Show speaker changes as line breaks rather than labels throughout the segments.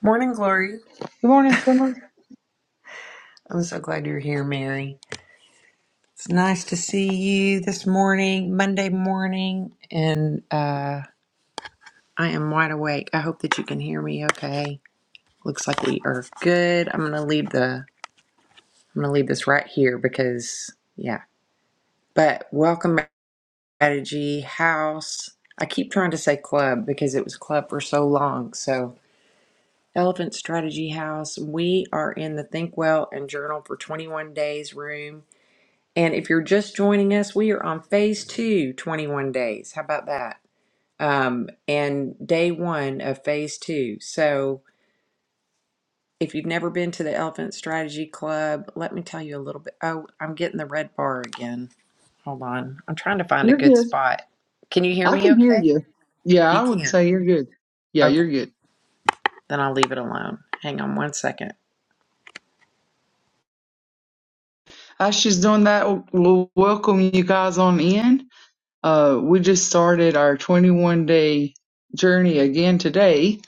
Morning, Glory.
Good morning, Summer.
I'm so glad you're here, Mary. It's nice to see you this morning, Monday morning, and uh, I am wide awake. I hope that you can hear me okay. Looks like we are good. I'm gonna leave the I'm gonna leave this right here because yeah. But welcome back to Strategy House. I keep trying to say club because it was club for so long. So Elephant Strategy House, we are in the Think Well and Journal for 21 Days room And if you're just joining us, we are on phase two, twenty-one days. How about that? Um, and day one of phase two. So if you've never been to the Elephant Strategy Club, let me tell you a little bit. Oh, I'm getting the red bar again. Hold on. I'm trying to find a
You're
good
good.
spot. Can you hear
I
me
can hear
okay?
you. Yeah,
You
I would
can.
say you're good. Yeah,
Okay.
you're good.
Then I'll leave it alone. Hang on one second.
As she's doing that, we'll welcome you guys on in. Uh, we just started our 21 day journey again today.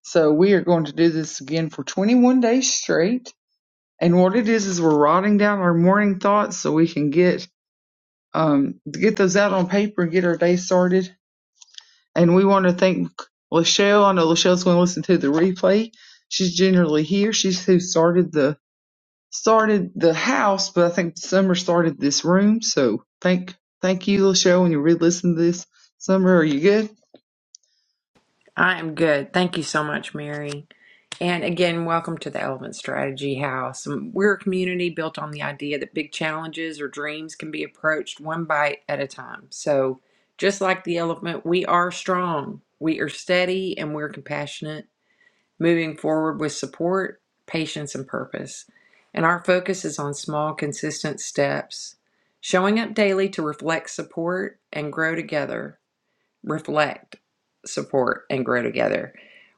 So we are going to do this again for 21 days straight. And what it is is we're writing down our morning thoughts so we can get um get those out on paper and get our day started. and we want to thank Lachelle. I know Lachelle's going to listen to the replay. She's generally here. She's who started the started the house, but I think Summer started this room. So thank thank you, Lachelle. When you re-listen to this, Summer, are you good?
I am good. Thank you so much, Mary. And again, welcome to the Elephant Strategy House. Um, We're a community built on the idea that big challenges or dreams can be approached one bite at a time. So, just like the elephant, we are strong, we are steady, and we're compassionate, moving forward with support, patience, and purpose. And our focus is on small, consistent steps, showing up daily to reflect support and grow together reflect, support, and grow together.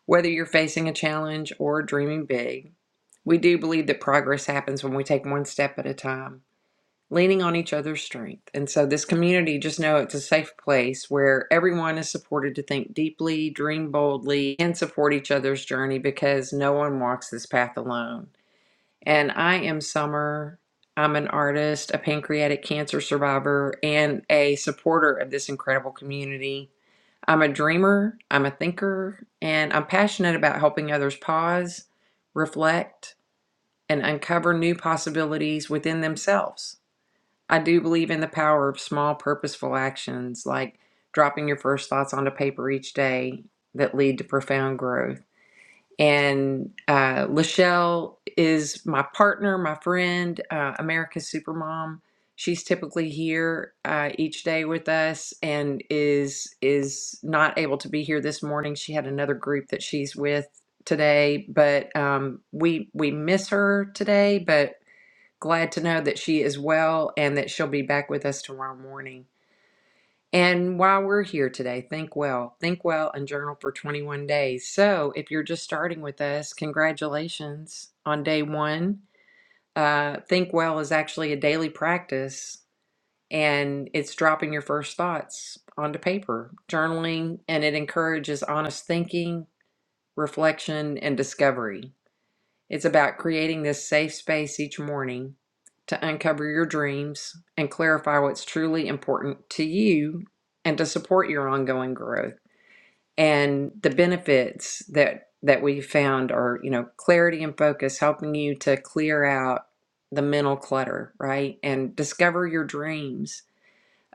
Whether you're facing a challenge or dreaming big, we do believe that progress happens when we take one step at a time, leaning on each other's strength. And so, this community, just know it's a safe place where everyone is supported to think deeply, dream boldly, and support each other's journey because no one walks this path alone. And I am Summer. I'm an artist, a pancreatic cancer survivor, and a supporter of this incredible community. I'm a dreamer, I'm a thinker, and I'm passionate about helping others pause, reflect, and uncover new possibilities within themselves. I do believe in the power of small, purposeful actions like dropping your first thoughts onto paper each day that lead to profound growth. And uh, Lachelle is my partner, my friend, uh, America's Supermom. She's typically here uh, each day with us, and is is not able to be here this morning. She had another group that she's with today, but um, we we miss her today. But glad to know that she is well and that she'll be back with us tomorrow morning. And while we're here today, think well, think well, and journal for 21 days. So, if you're just starting with us, congratulations on day one. Uh, think well is actually a daily practice, and it's dropping your first thoughts onto paper, journaling, and it encourages honest thinking, reflection, and discovery. It's about creating this safe space each morning to uncover your dreams and clarify what's truly important to you and to support your ongoing growth. And the benefits that that we found are, you know, clarity and focus helping you to clear out the mental clutter, right? And discover your dreams.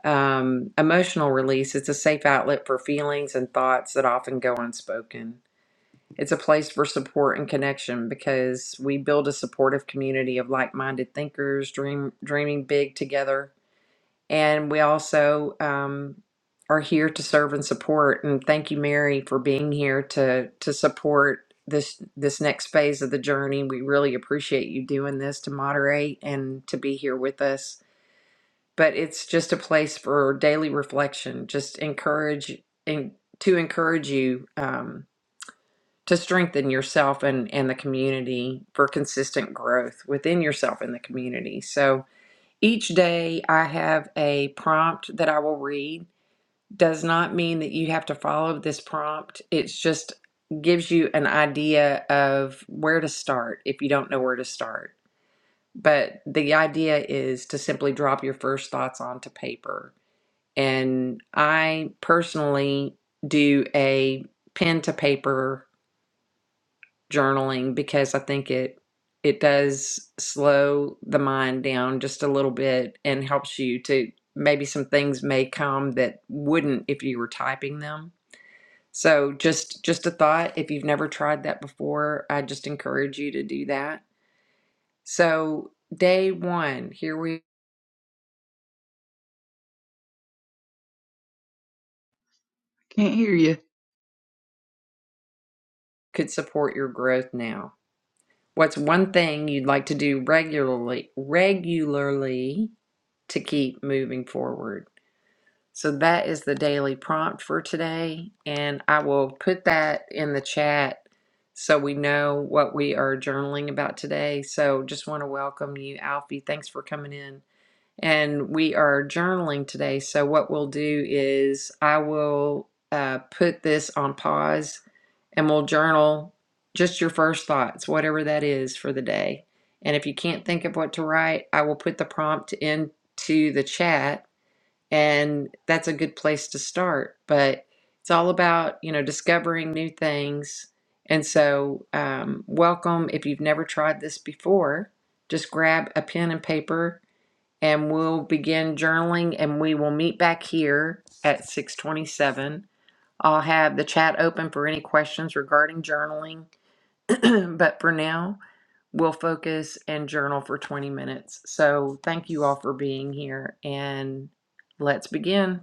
Um, emotional release, it's a safe outlet for feelings and thoughts that often go unspoken it's a place for support and connection because we build a supportive community of like-minded thinkers, dream dreaming big together, and we also um, are here to serve and support. And thank you, Mary, for being here to to support this this next phase of the journey. We really appreciate you doing this to moderate and to be here with us. But it's just a place for daily reflection. Just encourage and to encourage you. Um, to strengthen yourself and, and the community for consistent growth within yourself and the community. So each day I have a prompt that I will read. Does not mean that you have to follow this prompt. It's just gives you an idea of where to start if you don't know where to start. But the idea is to simply drop your first thoughts onto paper. And I personally do a pen to paper journaling because I think it it does slow the mind down just a little bit and helps you to maybe some things may come that wouldn't if you were typing them. So just just a thought if you've never tried that before, I just encourage you to do that. So day 1, here we
Can't hear you.
could support your growth now. What's one thing you'd like to do regularly regularly to keep moving forward? So that is the daily prompt for today. And I will put that in the chat so we know what we are journaling about today. So just want to welcome you, Alfie. Thanks for coming in. And we are journaling today. So what we'll do is I will uh, put this on pause and we'll journal just your first thoughts, whatever that is for the day. And if you can't think of what to write, I will put the prompt into the chat and that's a good place to start but it's all about you know discovering new things and so um, welcome if you've never tried this before just grab a pen and paper and we'll begin journaling and we will meet back here at 627 i'll have the chat open for any questions regarding journaling but for now we'll focus and journal for 20 minutes so thank you all for being here and let's begin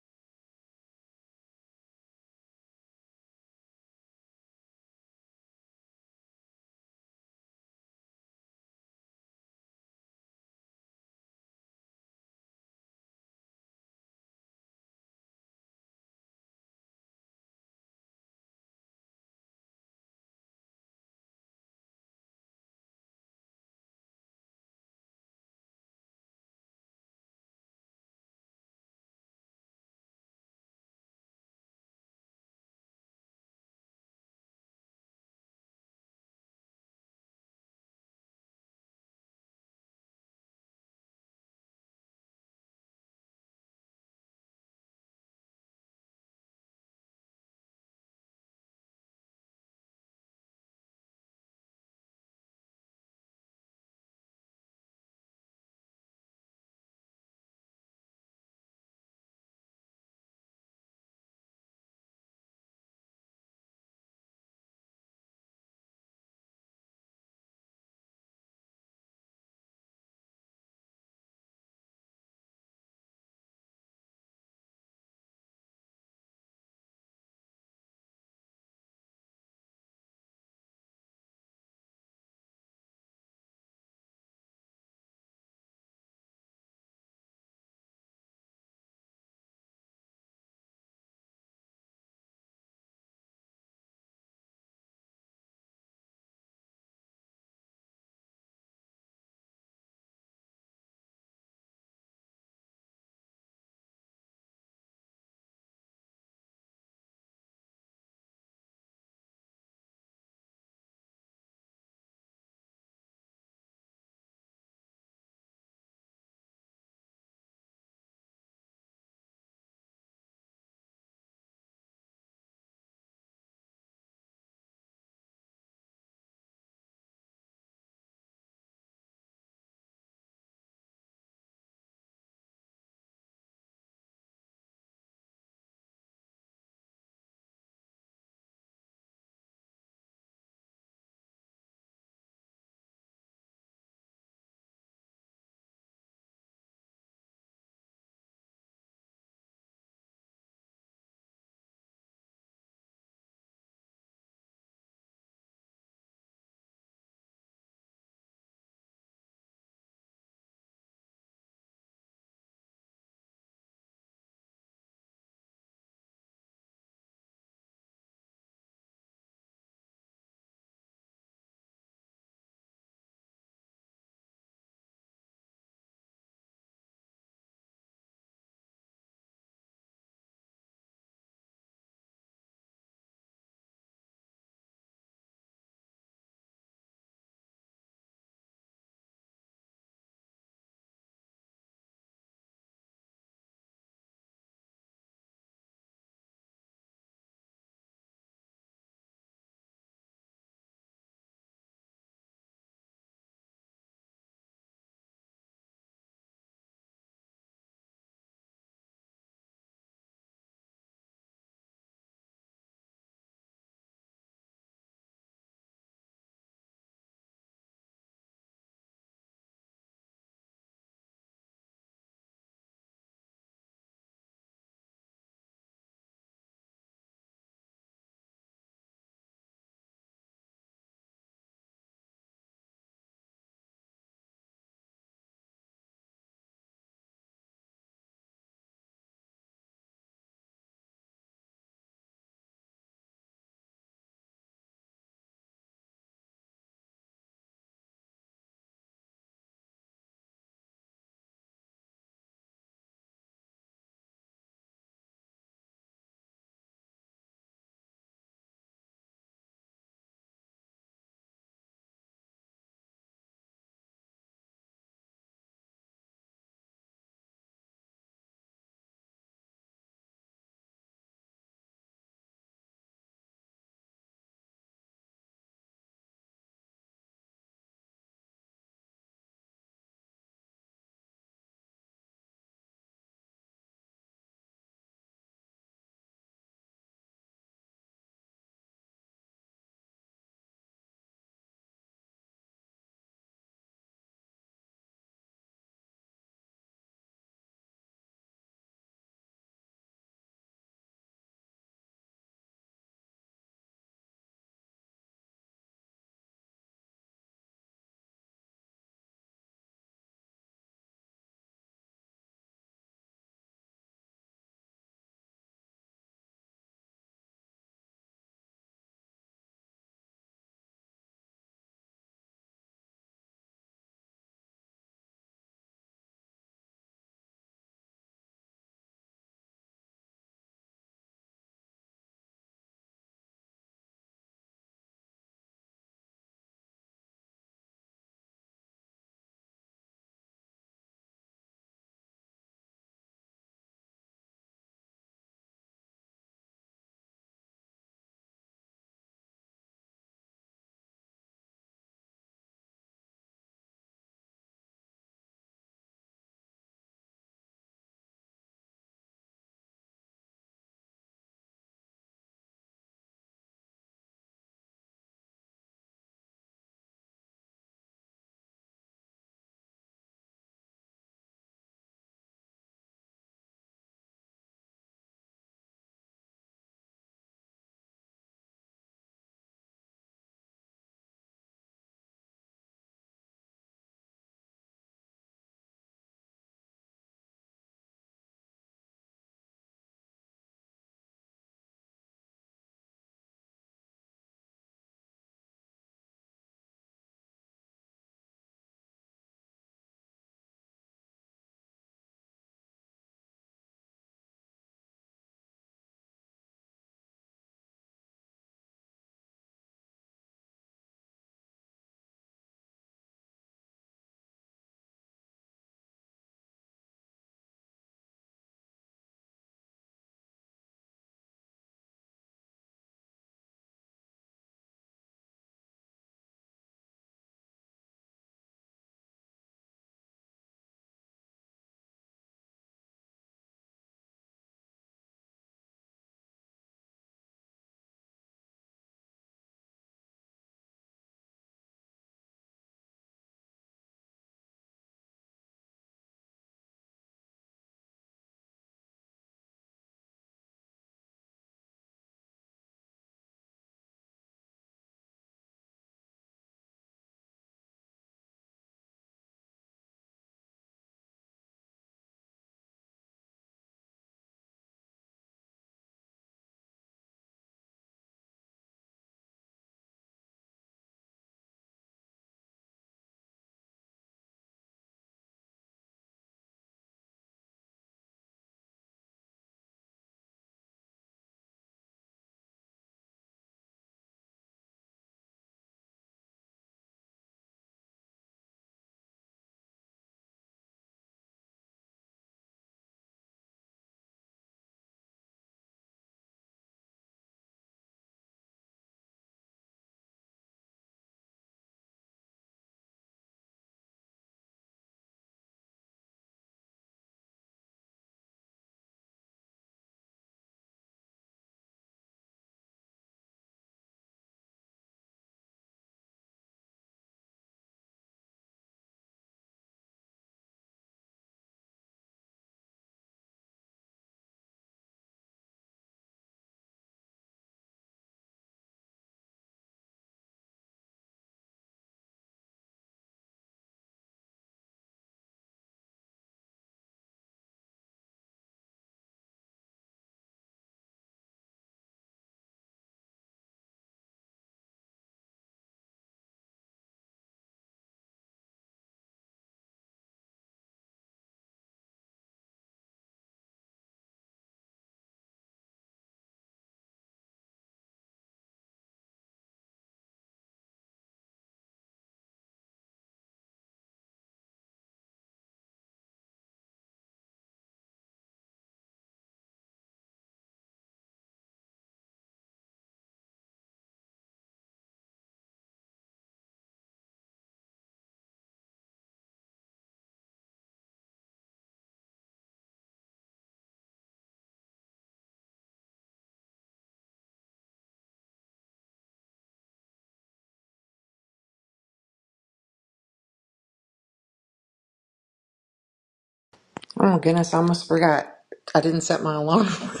Oh goodness, I almost forgot. I didn't set my alarm.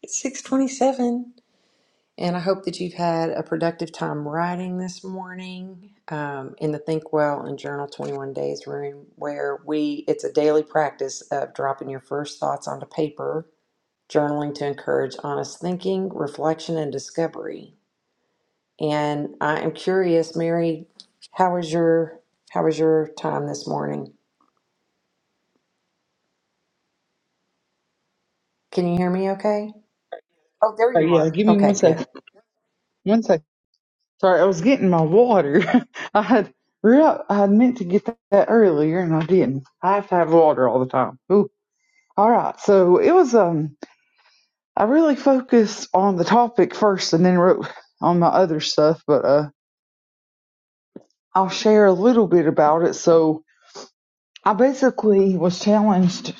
it's six twenty-seven, and I hope that you've had a productive time writing this morning um, in the Think Well and Journal Twenty One Days room, where we it's a daily practice of dropping your first thoughts onto paper, journaling to encourage honest thinking, reflection, and discovery. And I am curious, Mary, how was your how was your time this morning? Can you hear me? Okay. Oh, there
Oh
you
yeah,
are.
give me one
Okay, good.
second. One second. Sorry, I was getting my water. I had real I had meant to get that that earlier and I didn't. I have to have water all the time. Ooh. All right. So it was um I really focused on the topic first and then wrote on my other stuff, but uh, I'll share a little bit about it. So I basically was challenged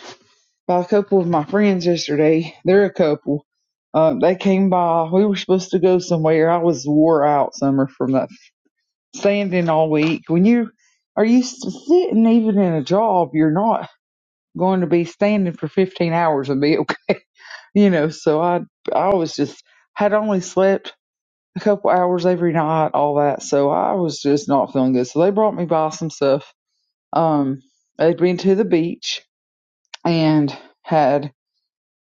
by a couple of my friends yesterday. They're a couple. Uh, they came by. We were supposed to go somewhere. I was wore out, Summer, from that standing all week. When you are used to sitting, even in a job, you're not going to be standing for 15 hours and be okay. You know, so I I was just had only slept a couple hours every night, all that. So I was just not feeling good. So they brought me by some stuff. Um, they'd been to the beach and had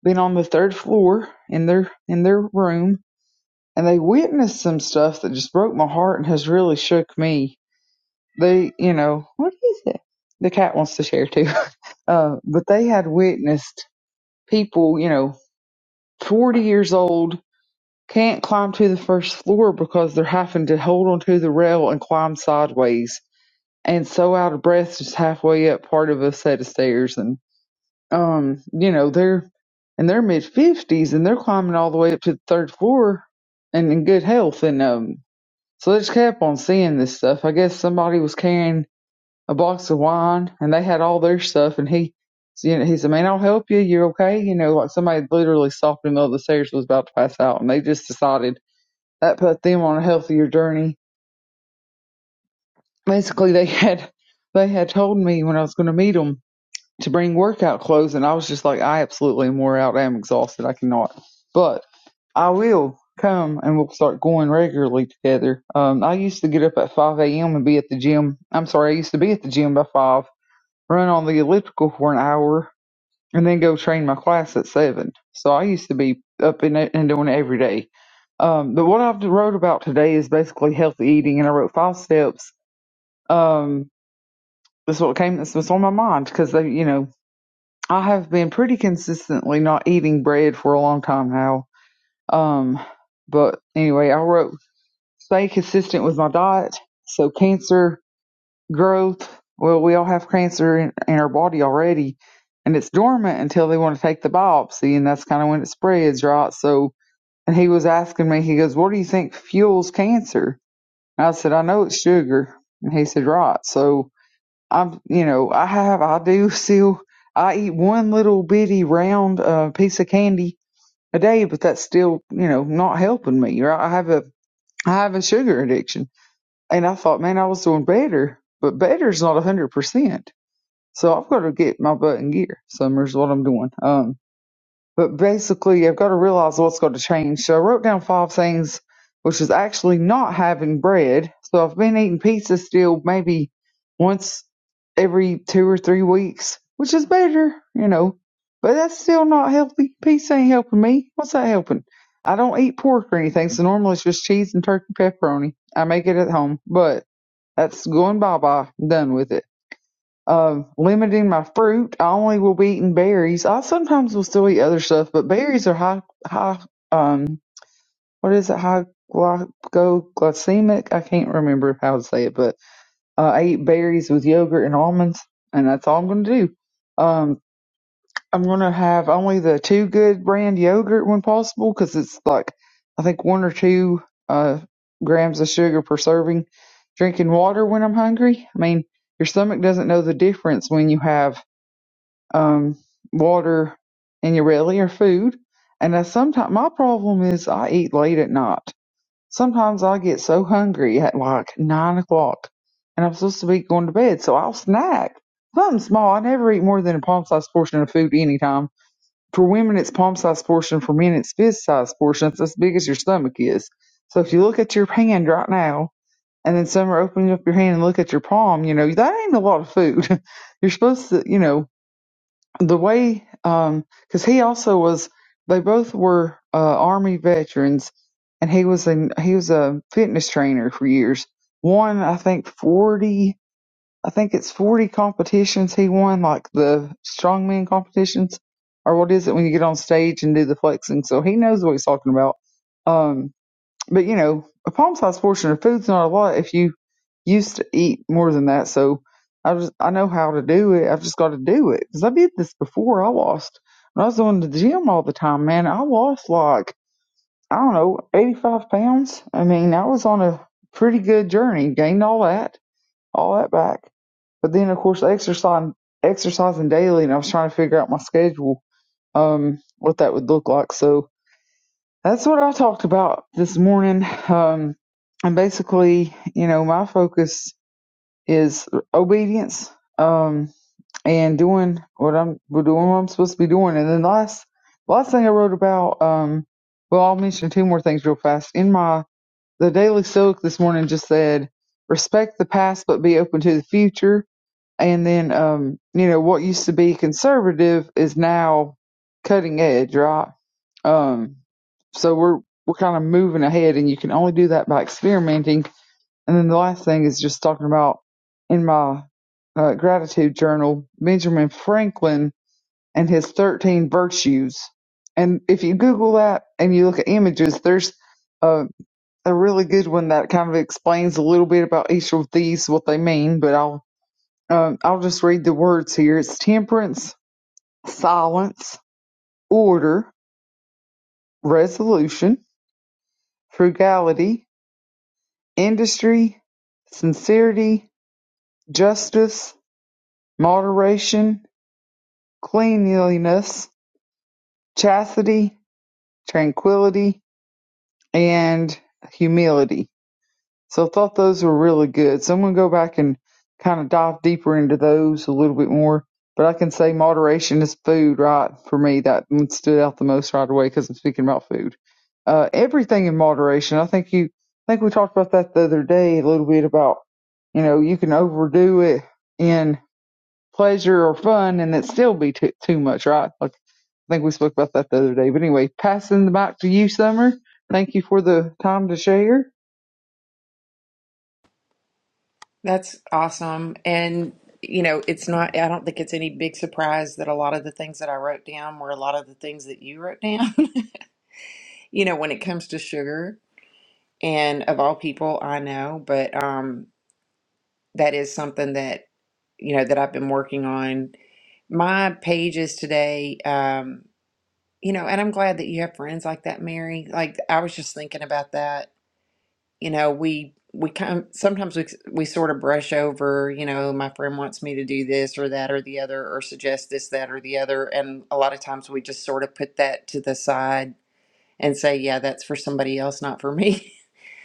been on the third floor in their in their room, and they witnessed some stuff that just broke my heart and has really shook me. They, you know, what is it? The cat wants to share too. Uh, but they had witnessed people, you know, 40 years old can't climb to the first floor because they're having to hold onto the rail and climb sideways and so out of breath, just halfway up part of a set of stairs. And, um, you know, they're in their mid 50s and they're climbing all the way up to the third floor and in good health. And, um, so they just kept on seeing this stuff. I guess somebody was carrying a box of wine and they had all their stuff. And he, you know, he said, man, I'll help you. You're okay. You know, like somebody literally stopped in the middle of the stairs and was about to pass out. And they just decided that put them on a healthier journey. Basically, they had, they had told me when I was going to meet them. to bring workout clothes, and I was just like, I absolutely am wore out. I am exhausted. I cannot. But I will come, and we'll start going regularly together. Um, I used to get up at 5 a.m. and be at the gym. I'm sorry, I used to be at the gym by 5, run on the elliptical for an hour, and then go train my class at 7. So I used to be up in it and doing it every day. Um, but what I've wrote about today is basically healthy eating, and I wrote five steps. Um, that's what came. That's what's on my mind because they, you know, I have been pretty consistently not eating bread for a long time now. Um, but anyway, I wrote stay consistent with my diet. So cancer growth. Well, we all have cancer in, in our body already, and it's dormant until they want to take the biopsy, and that's kind of when it spreads, right? So, and he was asking me, he goes, "What do you think fuels cancer?" And I said, "I know it's sugar," and he said, "Right." So I'm, you know, I have, I do still, I eat one little bitty round uh, piece of candy a day, but that's still, you know, not helping me. Right? I have a, I have a sugar addiction, and I thought, man, I was doing better, but better's not a hundred percent. So I've got to get my butt in gear. Summer's what I'm doing. um. But basically, I've got to realize what's going to change. So I wrote down five things, which is actually not having bread. So I've been eating pizza still maybe once every two or three weeks, which is better, you know. But that's still not healthy. Pizza ain't helping me. What's that helping? I don't eat pork or anything, so normally it's just cheese and turkey pepperoni. I make it at home, but that's going bye bye. Done with it of limiting my fruit. I only will be eating berries. I sometimes will still eat other stuff, but berries are high, high, um, what is it? High glycemic? I can't remember how to say it, but uh, I eat berries with yogurt and almonds, and that's all I'm going to do. Um, I'm going to have only the two good brand yogurt when possible because it's like, I think one or two, uh, grams of sugar per serving. Drinking water when I'm hungry. I mean, your stomach doesn't know the difference when you have um, water and you rarely or food. And I sometimes my problem is I eat late at night. Sometimes I get so hungry at like nine o'clock, and I'm supposed to be going to bed, so I'll snack something small. I never eat more than a palm sized portion of food anytime. For women, it's palm sized portion. For men, it's fist sized portion. It's as big as your stomach is. So if you look at your hand right now, and then summer opening up your hand and look at your palm, you know that ain't a lot of food. You're supposed to, you know, the way um because he also was they both were uh army veterans and he was in he was a fitness trainer for years one i think 40 i think it's 40 competitions he won like the strongman competitions or what is it when you get on stage and do the flexing so he knows what he's talking about um but you know a palm-sized portion of food's not a lot if you used to eat more than that, so I just I know how to do it. I've just got to do it because I did this before. I lost when I was going to the gym all the time, man. I lost like I don't know eighty five pounds. I mean, I was on a pretty good journey, gained all that, all that back. But then, of course, exercising exercising daily, and I was trying to figure out my schedule, um, what that would look like. So that's what I talked about this morning. Um, and basically, you know, my focus is obedience um and doing what I'm doing what I'm supposed to be doing. And then the last last thing I wrote about um well I'll mention two more things real fast. In my the Daily Stoic this morning just said respect the past but be open to the future and then um you know what used to be conservative is now cutting edge, right? Um so we're we're kind of moving ahead and you can only do that by experimenting and then the last thing is just talking about in my uh, gratitude journal, Benjamin Franklin and his 13 virtues. And if you Google that and you look at images, there's a, a really good one that kind of explains a little bit about each of these, what they mean. But I'll um, I'll just read the words here. It's temperance, silence, order, resolution, frugality, industry, sincerity, justice, moderation, cleanliness, chastity, tranquility, and humility. So I thought those were really good. So I'm going to go back and kind of dive deeper into those a little bit more. But I can say moderation is food, right? For me, that one stood out the most right away because I'm speaking about food. Uh, everything in moderation. I think you, I think we talked about that the other day a little bit about, you know, you can overdo it in pleasure or fun and it still be too, too much, right? Like, I think we spoke about that the other day. But anyway, passing the mic to you, Summer. Thank you for the time to share.
That's awesome. And, you know, it's not, I don't think it's any big surprise that a lot of the things that I wrote down were a lot of the things that you wrote down, you know, when it comes to sugar. And of all people, I know, but um, that is something that, you know, that I've been working on. My pages today, um, you know, and I'm glad that you have friends like that, Mary. Like, I was just thinking about that you know we we kind of, sometimes we we sort of brush over you know my friend wants me to do this or that or the other or suggest this that or the other and a lot of times we just sort of put that to the side and say yeah that's for somebody else not for me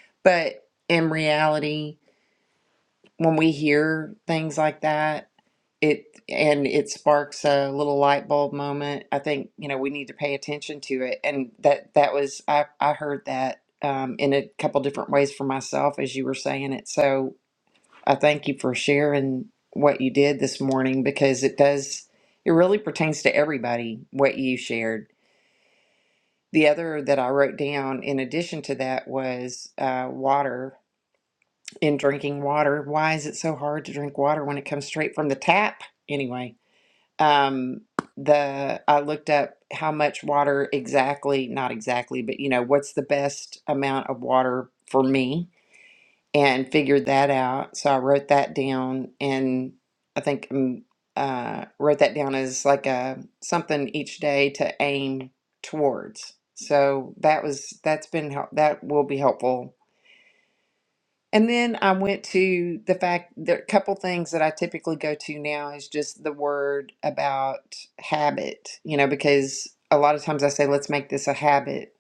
but in reality when we hear things like that it and it sparks a little light bulb moment i think you know we need to pay attention to it and that that was i i heard that um, in a couple different ways for myself as you were saying it so i thank you for sharing what you did this morning because it does it really pertains to everybody what you shared the other that i wrote down in addition to that was uh, water and drinking water why is it so hard to drink water when it comes straight from the tap anyway um the I looked up how much water exactly, not exactly, but you know, what's the best amount of water for me and figured that out. So I wrote that down and I think um, uh wrote that down as like a something each day to aim towards. So that was that's been help that will be helpful and then I went to the fact there are a couple things that I typically go to now is just the word about habit, you know, because a lot of times I say, let's make this a habit.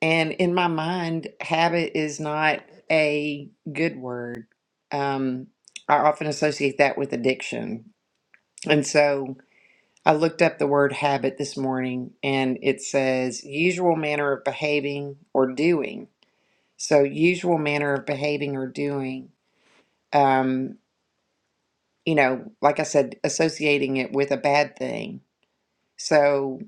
And in my mind, habit is not a good word. Um, I often associate that with addiction. And so I looked up the word habit this morning and it says usual manner of behaving or doing. So, usual manner of behaving or doing. Um, you know, like I said, associating it with a bad thing. So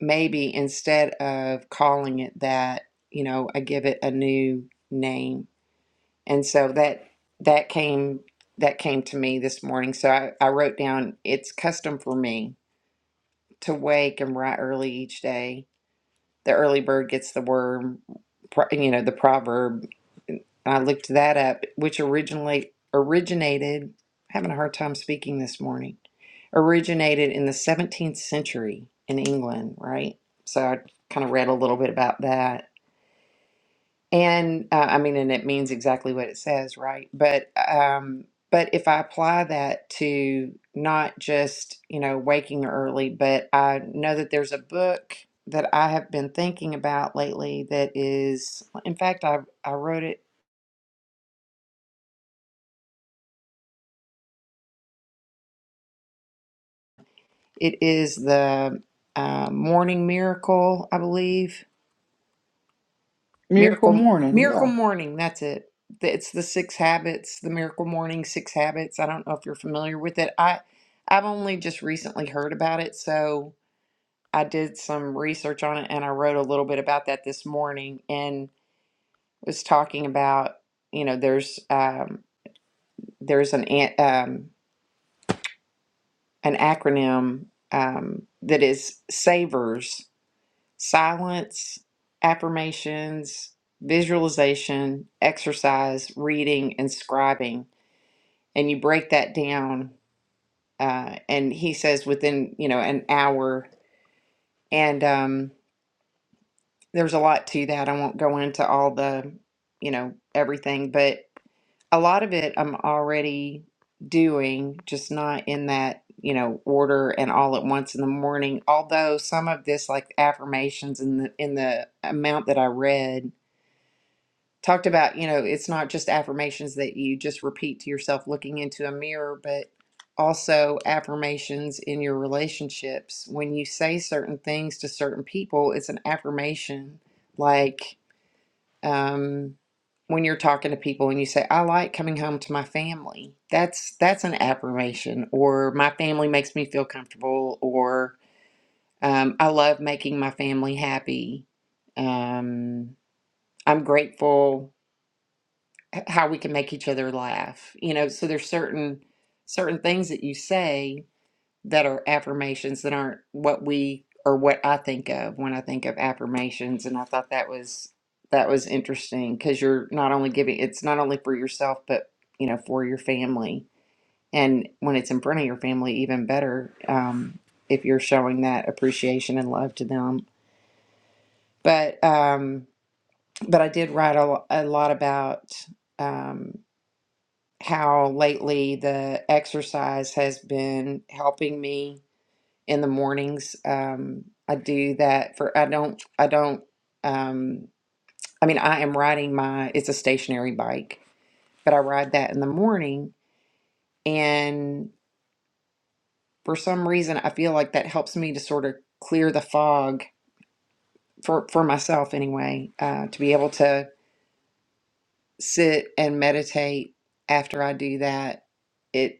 maybe instead of calling it that, you know, I give it a new name. And so that that came that came to me this morning. So I, I wrote down it's custom for me to wake and write early each day. The early bird gets the worm, pro- you know, the proverb I looked that up, which originally originated, having a hard time speaking this morning, originated in the 17th century in England, right? So I kind of read a little bit about that. And uh, I mean, and it means exactly what it says, right? But um, but if I apply that to not just you know waking early, but I know that there's a book that I have been thinking about lately that is, in fact, I I wrote it It is the uh, Morning Miracle, I believe.
Miracle
Miracle
Morning,
Miracle
yeah.
Morning, that's it. It's the Six Habits, the Miracle Morning Six Habits. I don't know if you're familiar with it. I I've only just recently heard about it, so I did some research on it and I wrote a little bit about that this morning and was talking about, you know, there's um, there's an an- um, an acronym um, that is SAVERS silence, affirmations, visualization, exercise, reading, and scribing. And you break that down. Uh, and he says within, you know, an hour. And um, there's a lot to that. I won't go into all the, you know, everything, but a lot of it I'm already doing, just not in that, you know, order and all at once in the morning. Although some of this, like affirmations in the in the amount that I read talked about you know it's not just affirmations that you just repeat to yourself looking into a mirror but also affirmations in your relationships when you say certain things to certain people it's an affirmation like um when you're talking to people and you say i like coming home to my family that's that's an affirmation or my family makes me feel comfortable or um, i love making my family happy um, i'm grateful h- how we can make each other laugh you know so there's certain certain things that you say that are affirmations that aren't what we or what I think of when I think of affirmations and I thought that was that was interesting cuz you're not only giving it's not only for yourself but you know for your family and when it's in front of your family even better um if you're showing that appreciation and love to them but um but I did write a, lo- a lot about Um, how lately the exercise has been helping me in the mornings. Um, I do that for I don't I don't um, I mean I am riding my it's a stationary bike, but I ride that in the morning and for some reason I feel like that helps me to sort of clear the fog for for myself anyway, uh, to be able to sit and meditate after I do that.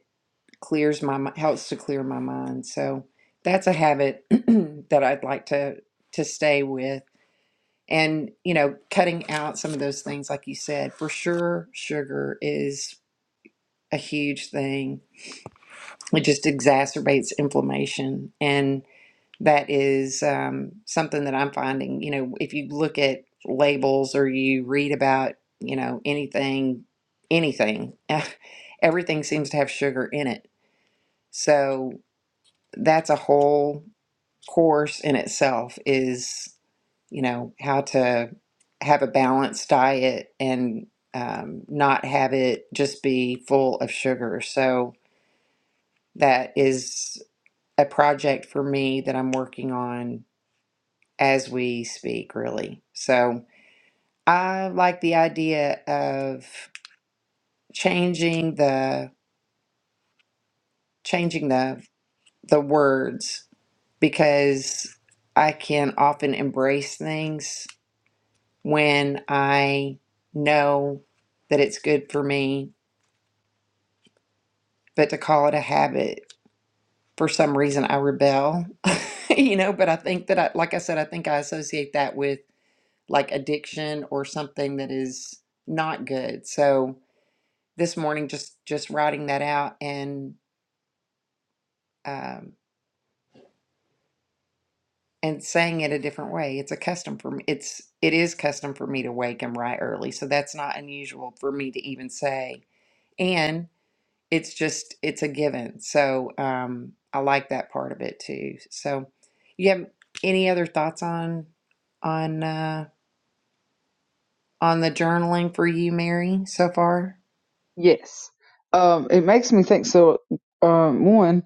clears my mi- helps to clear my mind. So that's a habit that I'd like to to stay with. And you know, cutting out some of those things, like you said, for sure, sugar is a huge thing. It just exacerbates inflammation, and that is um, something that I'm finding. You know, if you look at labels or you read about, you know, anything, anything, everything seems to have sugar in it. So that's a whole course in itself is you know how to have a balanced diet and um, not have it just be full of sugar so that is a project for me that i'm working on as we speak really so i like the idea of changing the changing the the words because i can often embrace things when I know that it's good for me, but to call it a habit, for some reason I rebel, you know. But I think that, I, like I said, I think I associate that with like addiction or something that is not good. So this morning, just just writing that out and um, and saying it a different way. It's a custom for me. It's it is custom for me to wake and write early, so that's not unusual for me to even say. and. it's just it's a given. So um, I like that part of it too. So you have any other thoughts on on uh, on the journaling for you, Mary, so far?
Yes. Um, it makes me think so um one,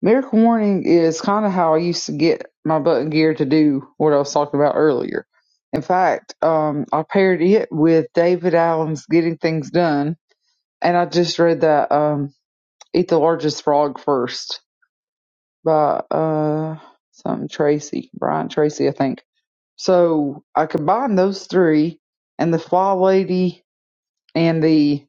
Miracle morning is kind of how I used to get my butt in gear to do what I was talking about earlier. In fact, um, I paired it with David Allen's Getting Things Done, and I just read that um, Eat the Largest Frog First by uh, something Tracy, Brian Tracy, I think. So I combined those three and the Fly Lady and the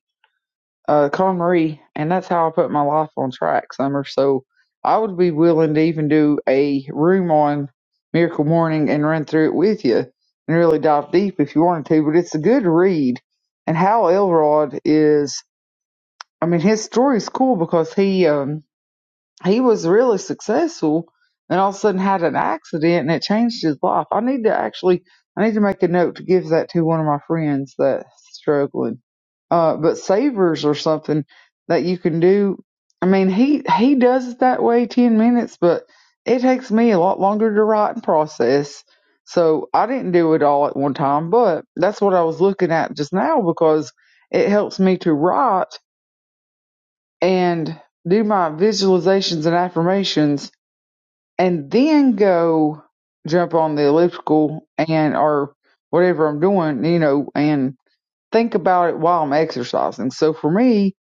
uh, Con Marie, and that's how I put my life on track, Summer. So I would be willing to even do a room on Miracle Morning and run through it with you and really dive deep if you wanted to. But it's a good read, and Hal Elrod is. I mean, his story is cool because he um, he was really successful and all of a sudden had an accident and it changed his life. I need to actually, I need to make a note to give that to one of my friends that's struggling. Uh, but savers or something that you can do. I mean, he, he does it that way 10 minutes, but it takes me a lot longer to write and process. So I didn't do it all at one time, but that's what I was looking at just now because it helps me to write and do my visualizations and affirmations and then go jump on the elliptical and or whatever I'm doing, you know, and think about it while I'm exercising. So for me,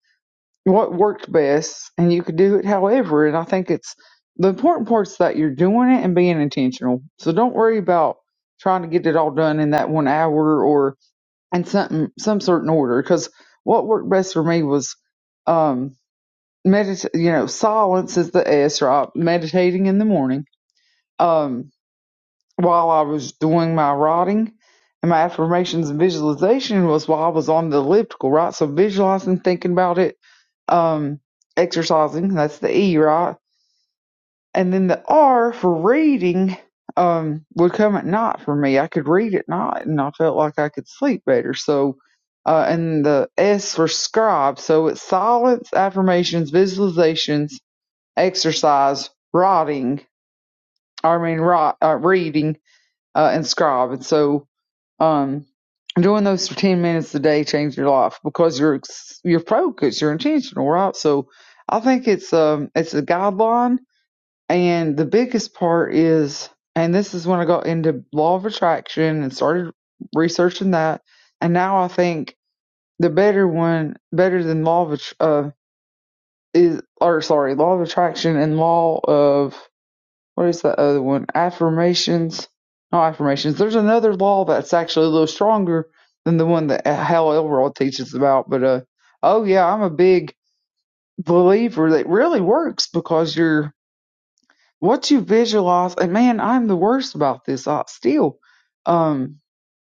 what worked best and you could do it however and I think it's the important part is that you're doing it and being intentional. So don't worry about trying to get it all done in that one hour or in something some certain order because what worked best for me was um, medit you know silence is the s right meditating in the morning um while i was doing my writing and my affirmations and visualization was while i was on the elliptical right so visualizing thinking about it um exercising that's the e right and then the r for reading um would come at night for me i could read at night and i felt like i could sleep better so uh and the s for scribe so it's silence affirmations visualizations exercise, writing, I mean, write, uh, reading, uh, and scribe. And so, um, doing those for 10 minutes a day changes your life because you're, ex- you're focused, you're intentional, right? So I think it's, um, it's a guideline. And the biggest part is, and this is when I got into law of attraction and started researching that. And now I think the better one, better than law of, uh, is, or sorry, law of attraction and law of what is the other one? Affirmations. No affirmations. There's another law that's actually a little stronger than the one that Hal Elrod teaches about. But uh, oh yeah, I'm a big believer that really works because you're what you visualize. And man, I'm the worst about this. I still, um,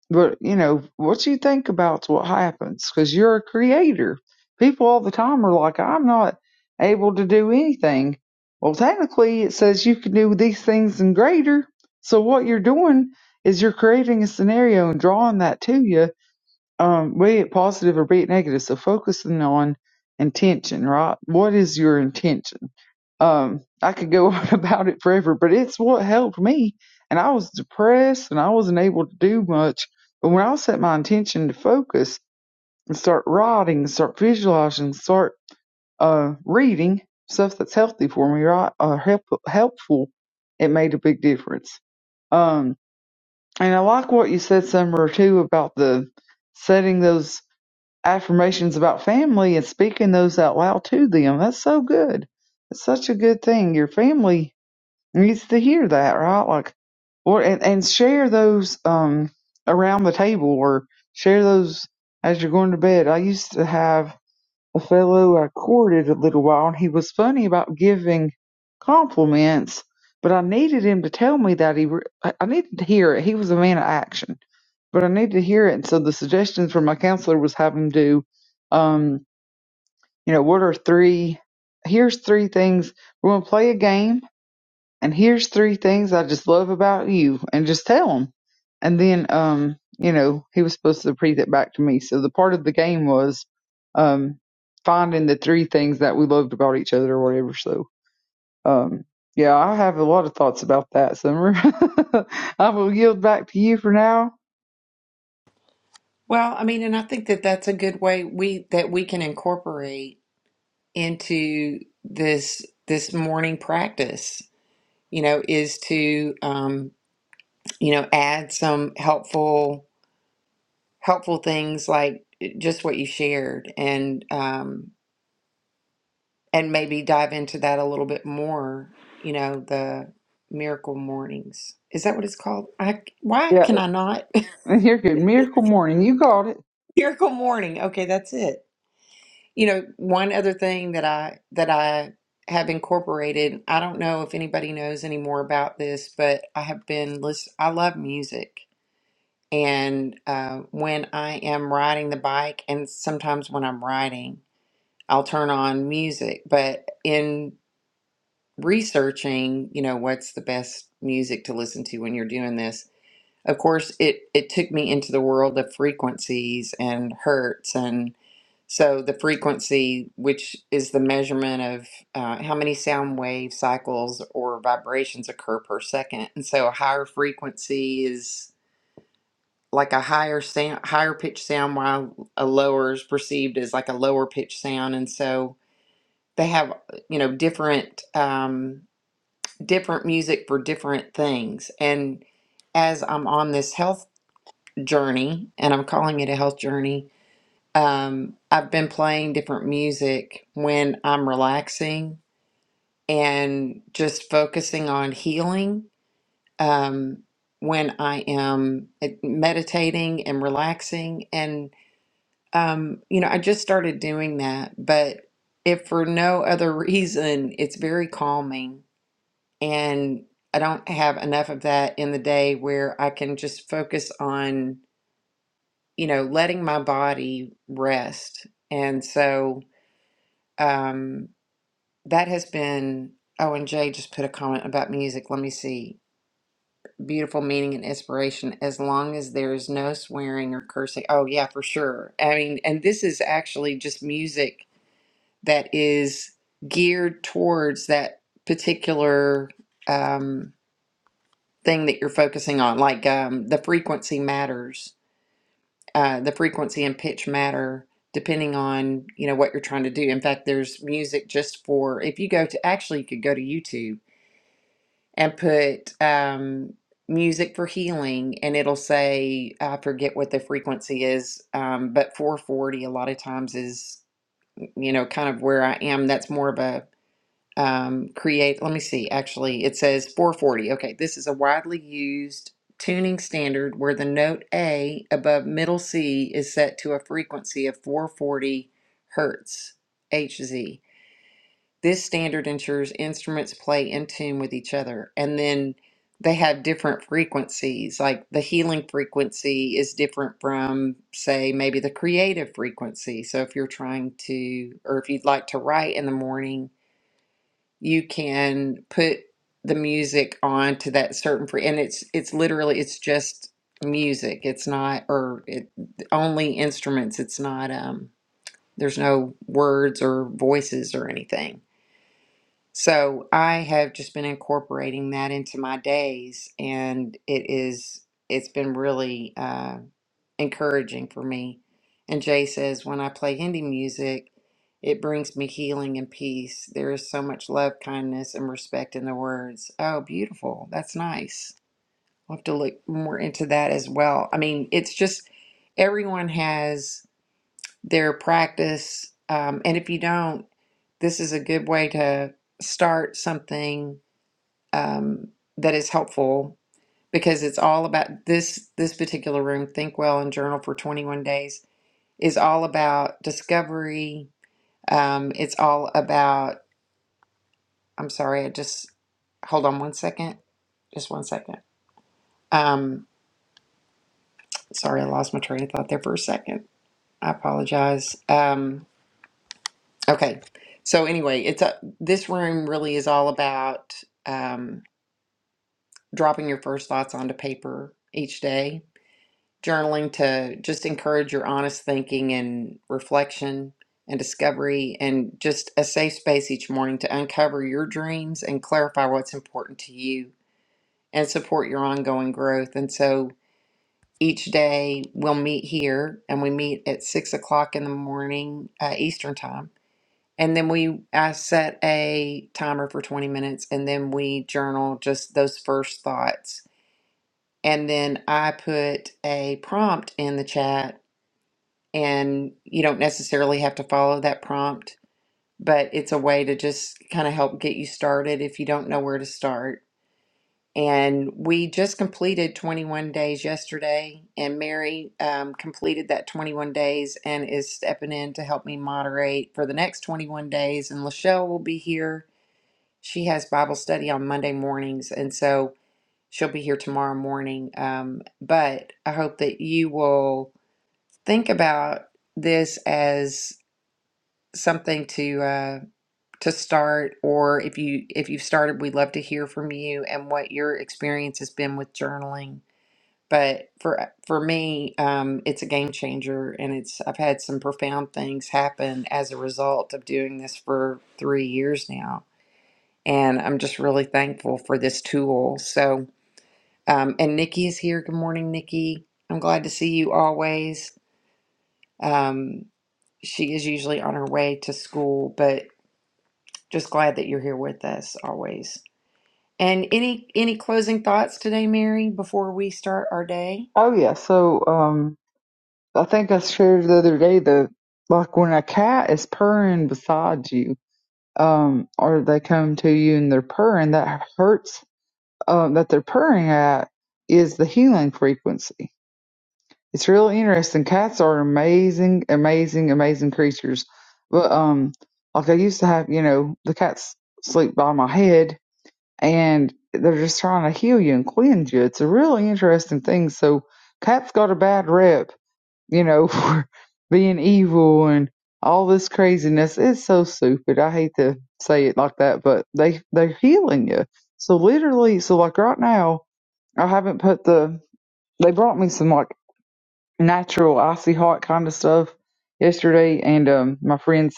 but you know what you think about's what happens because you're a creator. People all the time are like, "I'm not able to do anything." Well, technically, it says you can do these things and greater. So what you're doing is you're creating a scenario and drawing that to you um, weigh it positive or weigh it negative. So focusing on intention, right? What is your intention? Um, I could go on about it forever, but it's what helped me. And I was depressed and I wasn't able to do much. But when I set my intention to focus and start writing, start visualizing, start uh, reading stuff that's healthy for me, right? Or help, helpful, it made a big difference. Um, and I like what you said, Summer, too, about the setting those affirmations about family and speaking those out loud to them. That's so good. It's such a good thing. Your family needs to hear that, right? Like, or and, and share those um around the table or share those as you're going to bed. I used to have a fellow I courted a little while, and he was funny about giving compliments, but I needed him to tell me that he, re- I I needed to hear it. He was a man of action, but I needed to hear it. And so the suggestion from my counselor was have him do, um, you know, what are three, here's three things. We're going to play a game and here's three things I just love about you, and just tell him. And then, um, you know, he was supposed to repeat it back to me. So the part of the game was um, finding the three things that we loved about each other or whatever. So, um, yeah, I have a lot of thoughts about that, Summer. I will yield back to you for now.
Well, I mean, and I think that that's a good way we that we can incorporate into this this morning practice. You know, is to um, you know add some helpful helpful things like eh, just what you shared and um, and maybe dive into that a little bit more, you know, the Miracle Mornings. Is that what it's called? I, why
Yeah,
can I not?
you're good. Miracle morning, you got it.
Miracle Morning. Okay, that's it. You know, one other thing that I that I have incorporated, I don't know if anybody knows any more about this, but I have been listen I love music. And uh, when I am riding the bike, and sometimes when I'm riding, I'll turn on music. But in researching, you know, what's the best music to listen to when you're doing this. Of course, it it took me into the world of frequencies and hertz and so the frequency, which is the measurement of uh, how many sound wave cycles or vibrations occur per second, and so a higher frequency is like a higher sound, higher pitch sound, while a lower is perceived as like a lower pitch sound, and so they have you know different. Um, different music for different things. And as I'm on this health journey, and I'm calling it a health journey, um, I've been playing different music when I'm relaxing and just focusing on healing. Um, when I am uh, meditating and relaxing, and um, you know, I just started doing that, but if for no other reason, it's very calming and I don't have enough of that in the day where I can just focus on, you know, letting my body rest. And so um, that has been, oh, and Jay just put a comment about music. Let me see. Beautiful meaning and inspiration as long as there is no swearing or cursing. Oh, yeah, for sure. I mean, and this is actually just music that is geared towards that particular. Um, thing that you're focusing on. Like um, the frequency matters. Uh, the frequency and pitch matter depending on you know what you're trying to do. In fact, there's music just for if you go to actually you could go to YouTube and put um, music for healing, and it'll say I forget what the frequency is, um, but 440 a lot of times is you know kind of where I am. That's more of a um, create, let me see, actually, it says 440. Okay, this is a widely used tuning standard where the note A above middle C is set to a frequency of 440 hertz, Hz. This standard ensures instruments play in tune with each other. And then they have different frequencies, like the healing frequency is different from, say, maybe the creative frequency. So if you're trying to, or if you'd like to write in the morning, you can put the music on to that certain free and it's it's literally it's just music it's not or it only instruments it's not um there's no words or voices or anything so I have just been incorporating that into my days, and it is it's been really uh, encouraging for me. And Jay says, when I play Hindi music, it brings me healing and peace. There is so much love, kindness, and respect in the words. Oh, beautiful! That's nice. I'll have to look more into that as well. I mean, it's just everyone has their practice. Um, and if you don't, this is a good way to start something um, that is helpful because it's all about this this particular room think well and journal for 21 days is all about discovery um, it's all about i'm sorry i just hold on one second just one second um, sorry i lost my train of thought there for a second i apologize Um, Okay. So anyway, it's a, this room really is all about um, dropping your first thoughts onto paper each day, journaling to just encourage your honest thinking and reflection and discovery, and just a safe space each morning to uncover your dreams and clarify what's important to you and support your ongoing growth. And so each day we'll meet here and we meet at six o'clock in the morning uh, Eastern time And then we, I set a timer for 20 minutes and then we journal just those first thoughts. And then I put a prompt in the chat, and you don't necessarily have to follow that prompt, but it's a way to just kind of help get you started if you don't know where to start. And we just completed 21 days yesterday, and Mary um, completed that 21 days and is stepping in to help me moderate for the next 21 days. And Lachelle will be here She has Bible study on Monday mornings, and so she'll be here tomorrow morning. Um, but I hope that you will think about this as something to uh, to start, or if you if you've started, we'd love to hear from you and what your experience has been with journaling. But for for me, um, it's a game changer, and it's I've had some profound things happen as a result of doing this for three years now and I'm just really thankful for this tool. So, um, and Nikki is here. Good morning, Nikki. I'm glad to see you always. Um, she is usually on her way to school, but just glad that you're here with us always. And any any closing thoughts today, Mary, before we start our day?
Oh yeah, so um, I think I shared the other day the like when a cat is purring beside you um, or they come to you and they're purring, that hurts um, that they're purring at is the healing frequency. It's really interesting. Cats are amazing, amazing, amazing creatures. But um, like I used to have, you know, the cats sleep by my head, and they're just trying to heal you and cleanse you. It's a really interesting thing. So cats got a bad rep you know, for being evil and all this craziness. It's so stupid. I hate to say it like that, but they they're healing you. So literally, so like right now, I haven't put the. They brought me some like natural icy hot kind of stuff yesterday, and um, my friends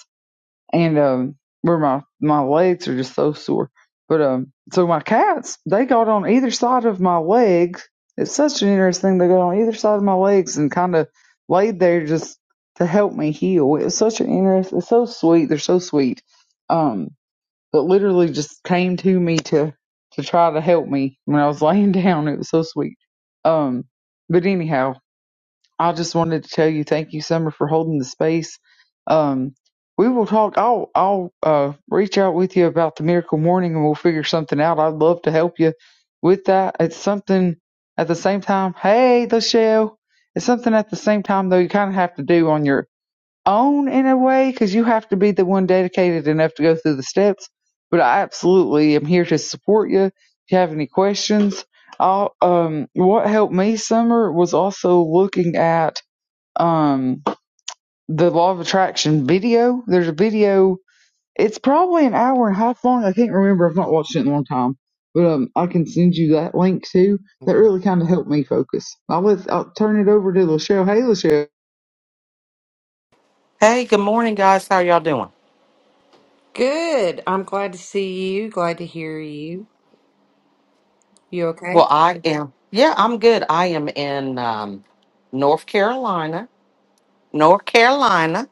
and um where my my legs are just so sore. But um so my cats, they got on either side of my legs. It's such an interesting thing. They got on either side of my legs and kind of laid there just to help me heal. It was such an interest. It's so sweet. They're so sweet. Um, but literally just came to me to to try to help me when I was laying down. It was so sweet. Um, but anyhow, I just wanted to tell you thank you, Summer, for holding the space. Um, we will talk. I'll I'll uh, reach out with you about the miracle morning, and we'll figure something out. I'd love to help you with that. It's something at the same time. Hey, the shell. It's something at the same time though. You kind of have to do on your own in a way because you have to be the one dedicated enough to go through the steps. But I absolutely am here to support you. If you have any questions, I'll, um, what helped me, Summer, was also looking at um the law of attraction video. There's a video. It's probably an hour and a half long. I can't remember. I've not watched it in a long time, but um, I can send you that link too. That really kind of helped me focus. I'll let I'll turn it over to Lachelle. Hey, Lachelle.
Hey, good morning, guys. How y'all doing?
Good. I'm glad to see you. Glad to hear you. You okay?
Well, I am. Yeah, I'm good. I am in um, North Carolina, North Carolina.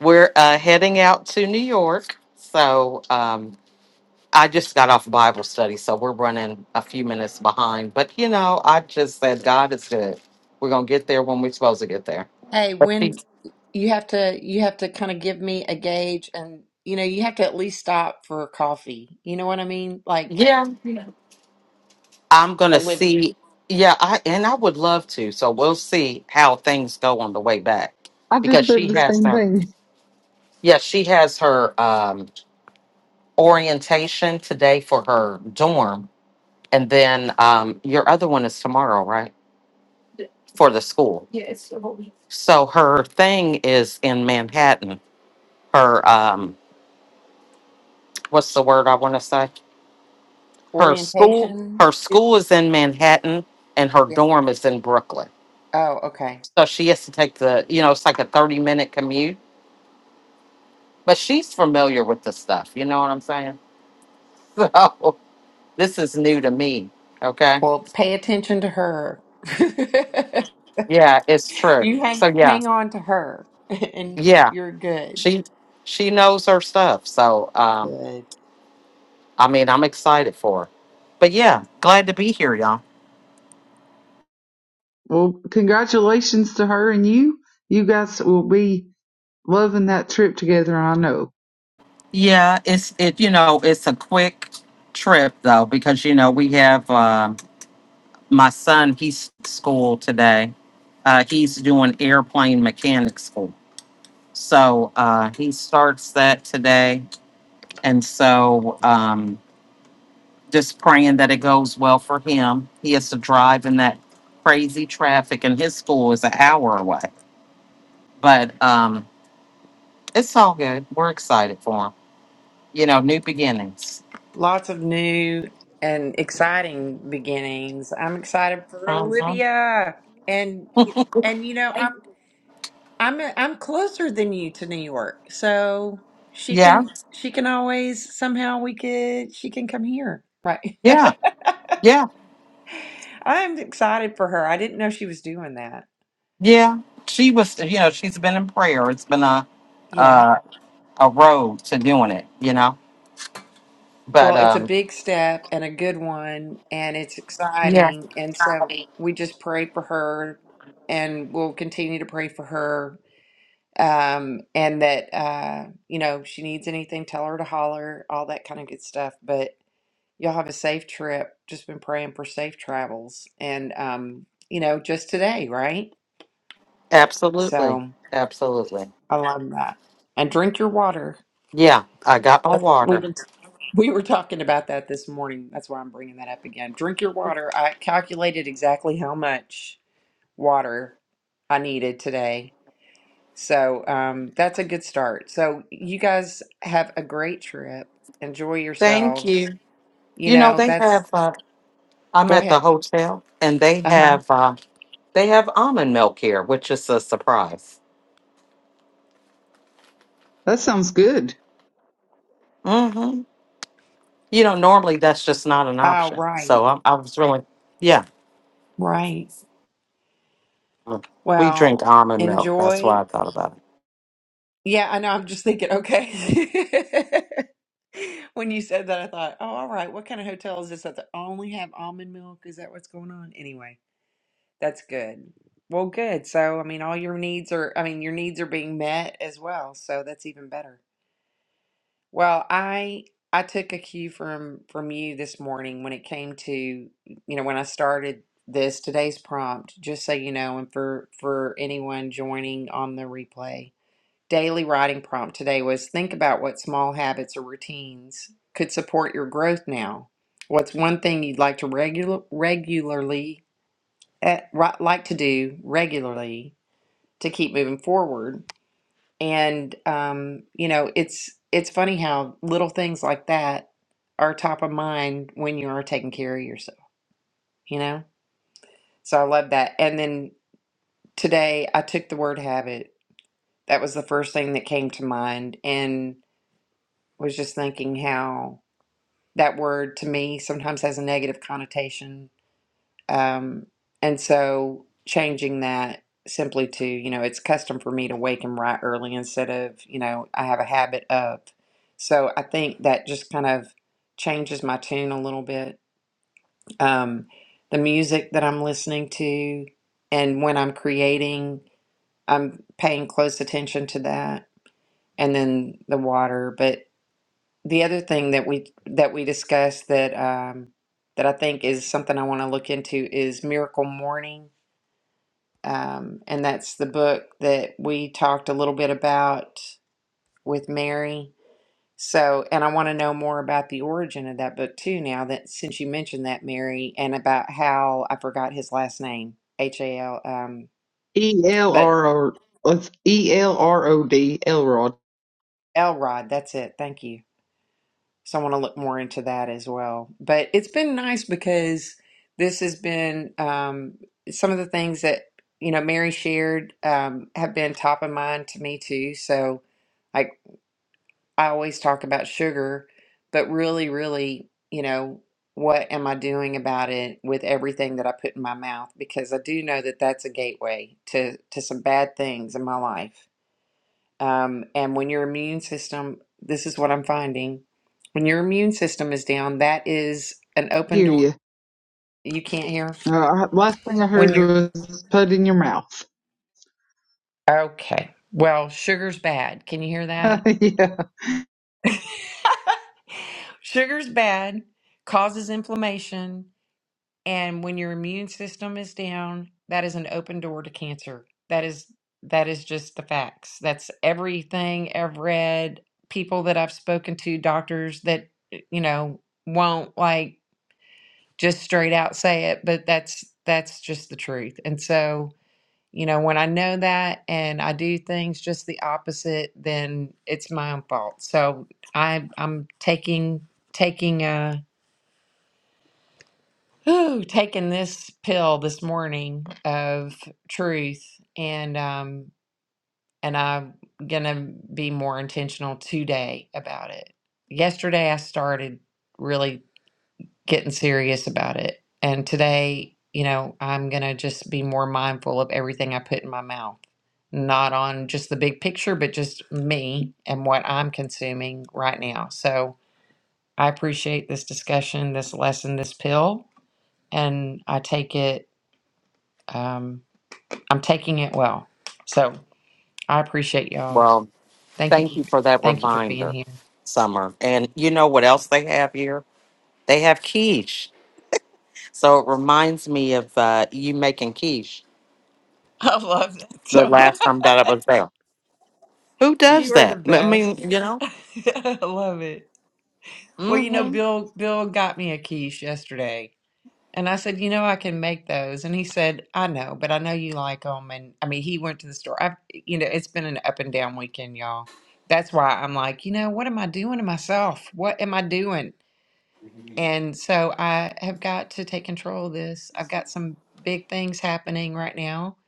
We're uh, heading out to New York. So um, I just got off Bible study, so we're running a few minutes behind. But you know, I just said God is good. We're gonna get there when we're supposed to get there.
Hey,
But
when
he's-
you have to, you have to kind of give me a gauge, and you know, you have to at least stop for coffee. You know what I mean? Like
Yeah, I'm
uh,
gonna
with
see. Yeah, I and I would love to. So we'll see how things go on the way back
I just
because
said
she
the
has
same
to.
thing.
Yeah, she has her um, orientation today for her dorm, and then um, your other one is tomorrow, right? For the school. So her thing is in Manhattan. Her um, what's the word I want to say? Her school.
orientation.
Her
It,
school is in Manhattan, and her
yeah.
dorm is in Brooklyn.
Oh, okay.
So she has to take the, you know, it's like a thirty-minute commute. But she's familiar with the stuff. You know what I'm saying? So this is new to me. Okay.
Well, pay attention to her.
Yeah, it's true.
You hang
So yeah,
hang on to her, and
yeah,
you're good.
she she knows her stuff. So um,
Good.
I mean, I'm excited for her. But yeah, glad to be here, y'all.
Well, congratulations to her and you. You guys will be loving that trip together. I know.
Yeah, it's it. You know, it's a quick trip though because you know we have um my son. He's school today. Uh, he's doing airplane mechanic school. So uh, he starts that today, and so um, just praying that it goes well for him. He has to drive in that crazy traffic, and his school is an hour away. But um, it's all good. We're excited for him. You know, new beginnings.
Lots of new and exciting beginnings. I'm excited for
hmm
Olivia, and and you know, I'm I'm I'm closer than you to New York, so she
Yeah,
can she can always somehow we could she can come here. Right.
yeah, yeah,
I'm excited for her. I didn't know she was doing that.
yeah. She was, you know, she's been in prayer. It's been a
Yeah.
uh, a road to doing it. You know, but
Well, it's a
um,
big step and a good one and it's
yeah,
exciting and so we just pray for her and we'll continue to pray for her um and that uh you know, if she needs anything, tell her to holler, all that kind of good stuff. But Y'all have a safe trip. Just been praying for safe travels. And, um, you know, just today, right?
absolutely,
So
absolutely.
I love that. And drink your water.
Yeah, I got my
That's- We've
water.
been, we were talking about that this morning. That's why I'm bringing that up again. Drink your water. I calculated exactly how much water I needed today. So um, that's a good start. So you guys have a great trip. Enjoy
Thank
yourselves.
you.
You
You know,
know,
they
that's,
have. Uh, I'm
go
at the
ahead.
hotel, and they
Uh huh.
have uh, they have almond milk here, which is a surprise.
That sounds good.
hmm You know, normally that's just not an
Oh,
option.
right,
So I, I was really, yeah,
right.
mm, we drink
Well,
almond milk. That's
enjoy.
why I thought about it.
Yeah, I know. I'm just thinking, okay. When you said that, I thought, oh, all right, what kind of hotel is this that they only have almond milk? Is that what's going on? Anyway, that's good. Well, good. So, I mean, all your needs are, I mean, your needs are being met as well, so that's even better. Well, I I took a cue from from you this morning when it came to, you know, when I started this today's prompt, just so you know, and for for anyone joining on the replay. Daily writing prompt today was think about what small habits or routines could support your growth now. What's one thing you'd like to regular, regularly eh, ri- like to do regularly to keep moving forward? And um, you know, it's it's funny how little things like that are top of mind when you are taking care of yourself, you know? So I love that. And then today I took the word habit. That was the first thing that came to mind and was just thinking how that word to me sometimes has a negative connotation. Um, and so changing that simply to, you know, it's custom for me to wake him right early instead of, you know, I have a habit of. So I think that just kind of changes my tune a little bit. Um, the music that I'm listening to and when I'm creating, I'm paying close attention to that. And then the water. but the other thing that we that we discussed that um, that I think is something I want to look into is Miracle Morning, um, and that's the book that we talked a little bit about with Mary. So, and I want to know more about the origin of that book too. Now that since you mentioned that Mary and about how I forgot his last name H A L, um,
E L R
but
O. Let's E R O D. Elrod.
Elrod. That's it. Thank you So I want to look more into that as well. But it's been nice because this has been um, some of the things that, you know, Mary shared um, have been top of mind to me too. So, like, I always talk about sugar, but really, really, you know, what am I doing about it with everything that I put in my mouth? Because I do know that that's a gateway to, to some bad things in my life um, and when your immune system, this is what I'm finding, when your immune system is down, that is an open
Hear
door.
you.
You can't hear?
Uh, last thing I
When
heard
you're
was put it in your mouth.
okay. Well, sugar's bad. Can you hear that?
yeah.
sugar's bad, causes inflammation. And when your immune system is down, that is an open door to cancer. That is that is just the facts. That's everything I've read, people that I've spoken to, doctors that you know won't like just straight out say it but that's that's just the truth and so you know when i know that and i do things just the opposite then it's my own fault so i i'm taking taking a whew, taking this pill this morning of truth and um and i'm gonna be more intentional today about it yesterday i started really getting serious about it. And today, you know, I'm going to just be more mindful of everything I put in my mouth, not on just the big picture, but just me and what I'm consuming right now. So I appreciate this discussion, this lesson, this pill, and I take it, um, I'm taking it well. So I appreciate y'all.
Well,
Thank you.
thank you for that
Thank you for being
reminder,
here.
Summer. And you know what else they have here? They have quiche. So it reminds me of uh, you making quiche
I love that
the
so
last
much.
time that I was there. Who
You
does
are the
that? I mean,
best.
you know.
I love it. Well, you know,
hmm
Bill Bill got me a quiche yesterday, and I said, you know, I can make those, and he said, I know, but I know you like them, and I mean, he went to the store. I, you know, it's been an up and down weekend, y'all. That's why I'm like, you know, what am I doing to myself? What am I doing? And so I have got to take control of this. I've got some big things happening right now,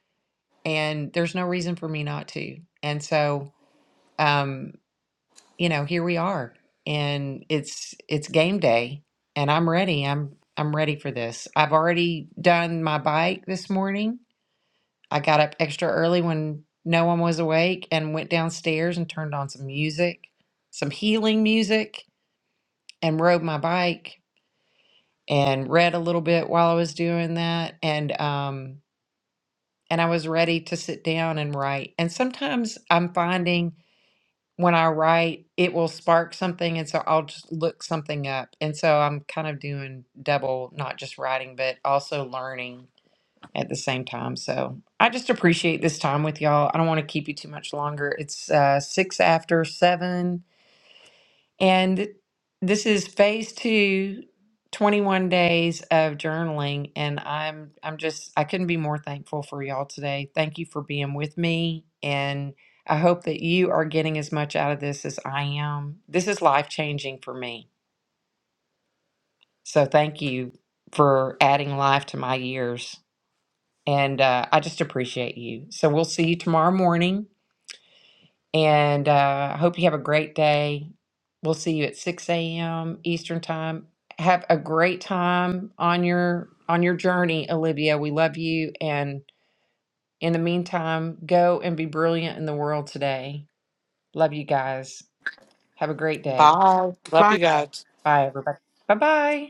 and there's no reason for me not to. And so. um, you know, here we are and it's it's game day and I'm ready. I'm I'm ready for this. I've already done my bike this morning. I got up extra early when no one was awake and went downstairs and turned on some music, some healing music and rode my bike and read a little bit while I was doing that and um and I was ready to sit down and write. And sometimes I'm finding when I write, it will spark something. And so I'll just look something up. And so I'm kind of doing double, not just writing, but also learning at the same time. So I just appreciate this time with y'all. I don't want to keep you too much longer. It's uh, six after seven. And this is phase two, twenty-one days of journaling. And I'm I'm just I couldn't be more thankful for y'all today. Thank you for being with me. And I hope that you are getting as much out of this as I am. This is life changing for me. So thank you for adding life to my years. And uh, I just appreciate you. So we'll see you tomorrow morning. And uh, I hope you have a great day. We'll see you at 6 a.m. Eastern time. Have a great time on your on your journey, Olivia. We love you. And in the meantime, go and be brilliant in the world today. Love you guys. Have a great day.
Bye. Love
Bye.
you guys.
Bye, everybody. Bye bye.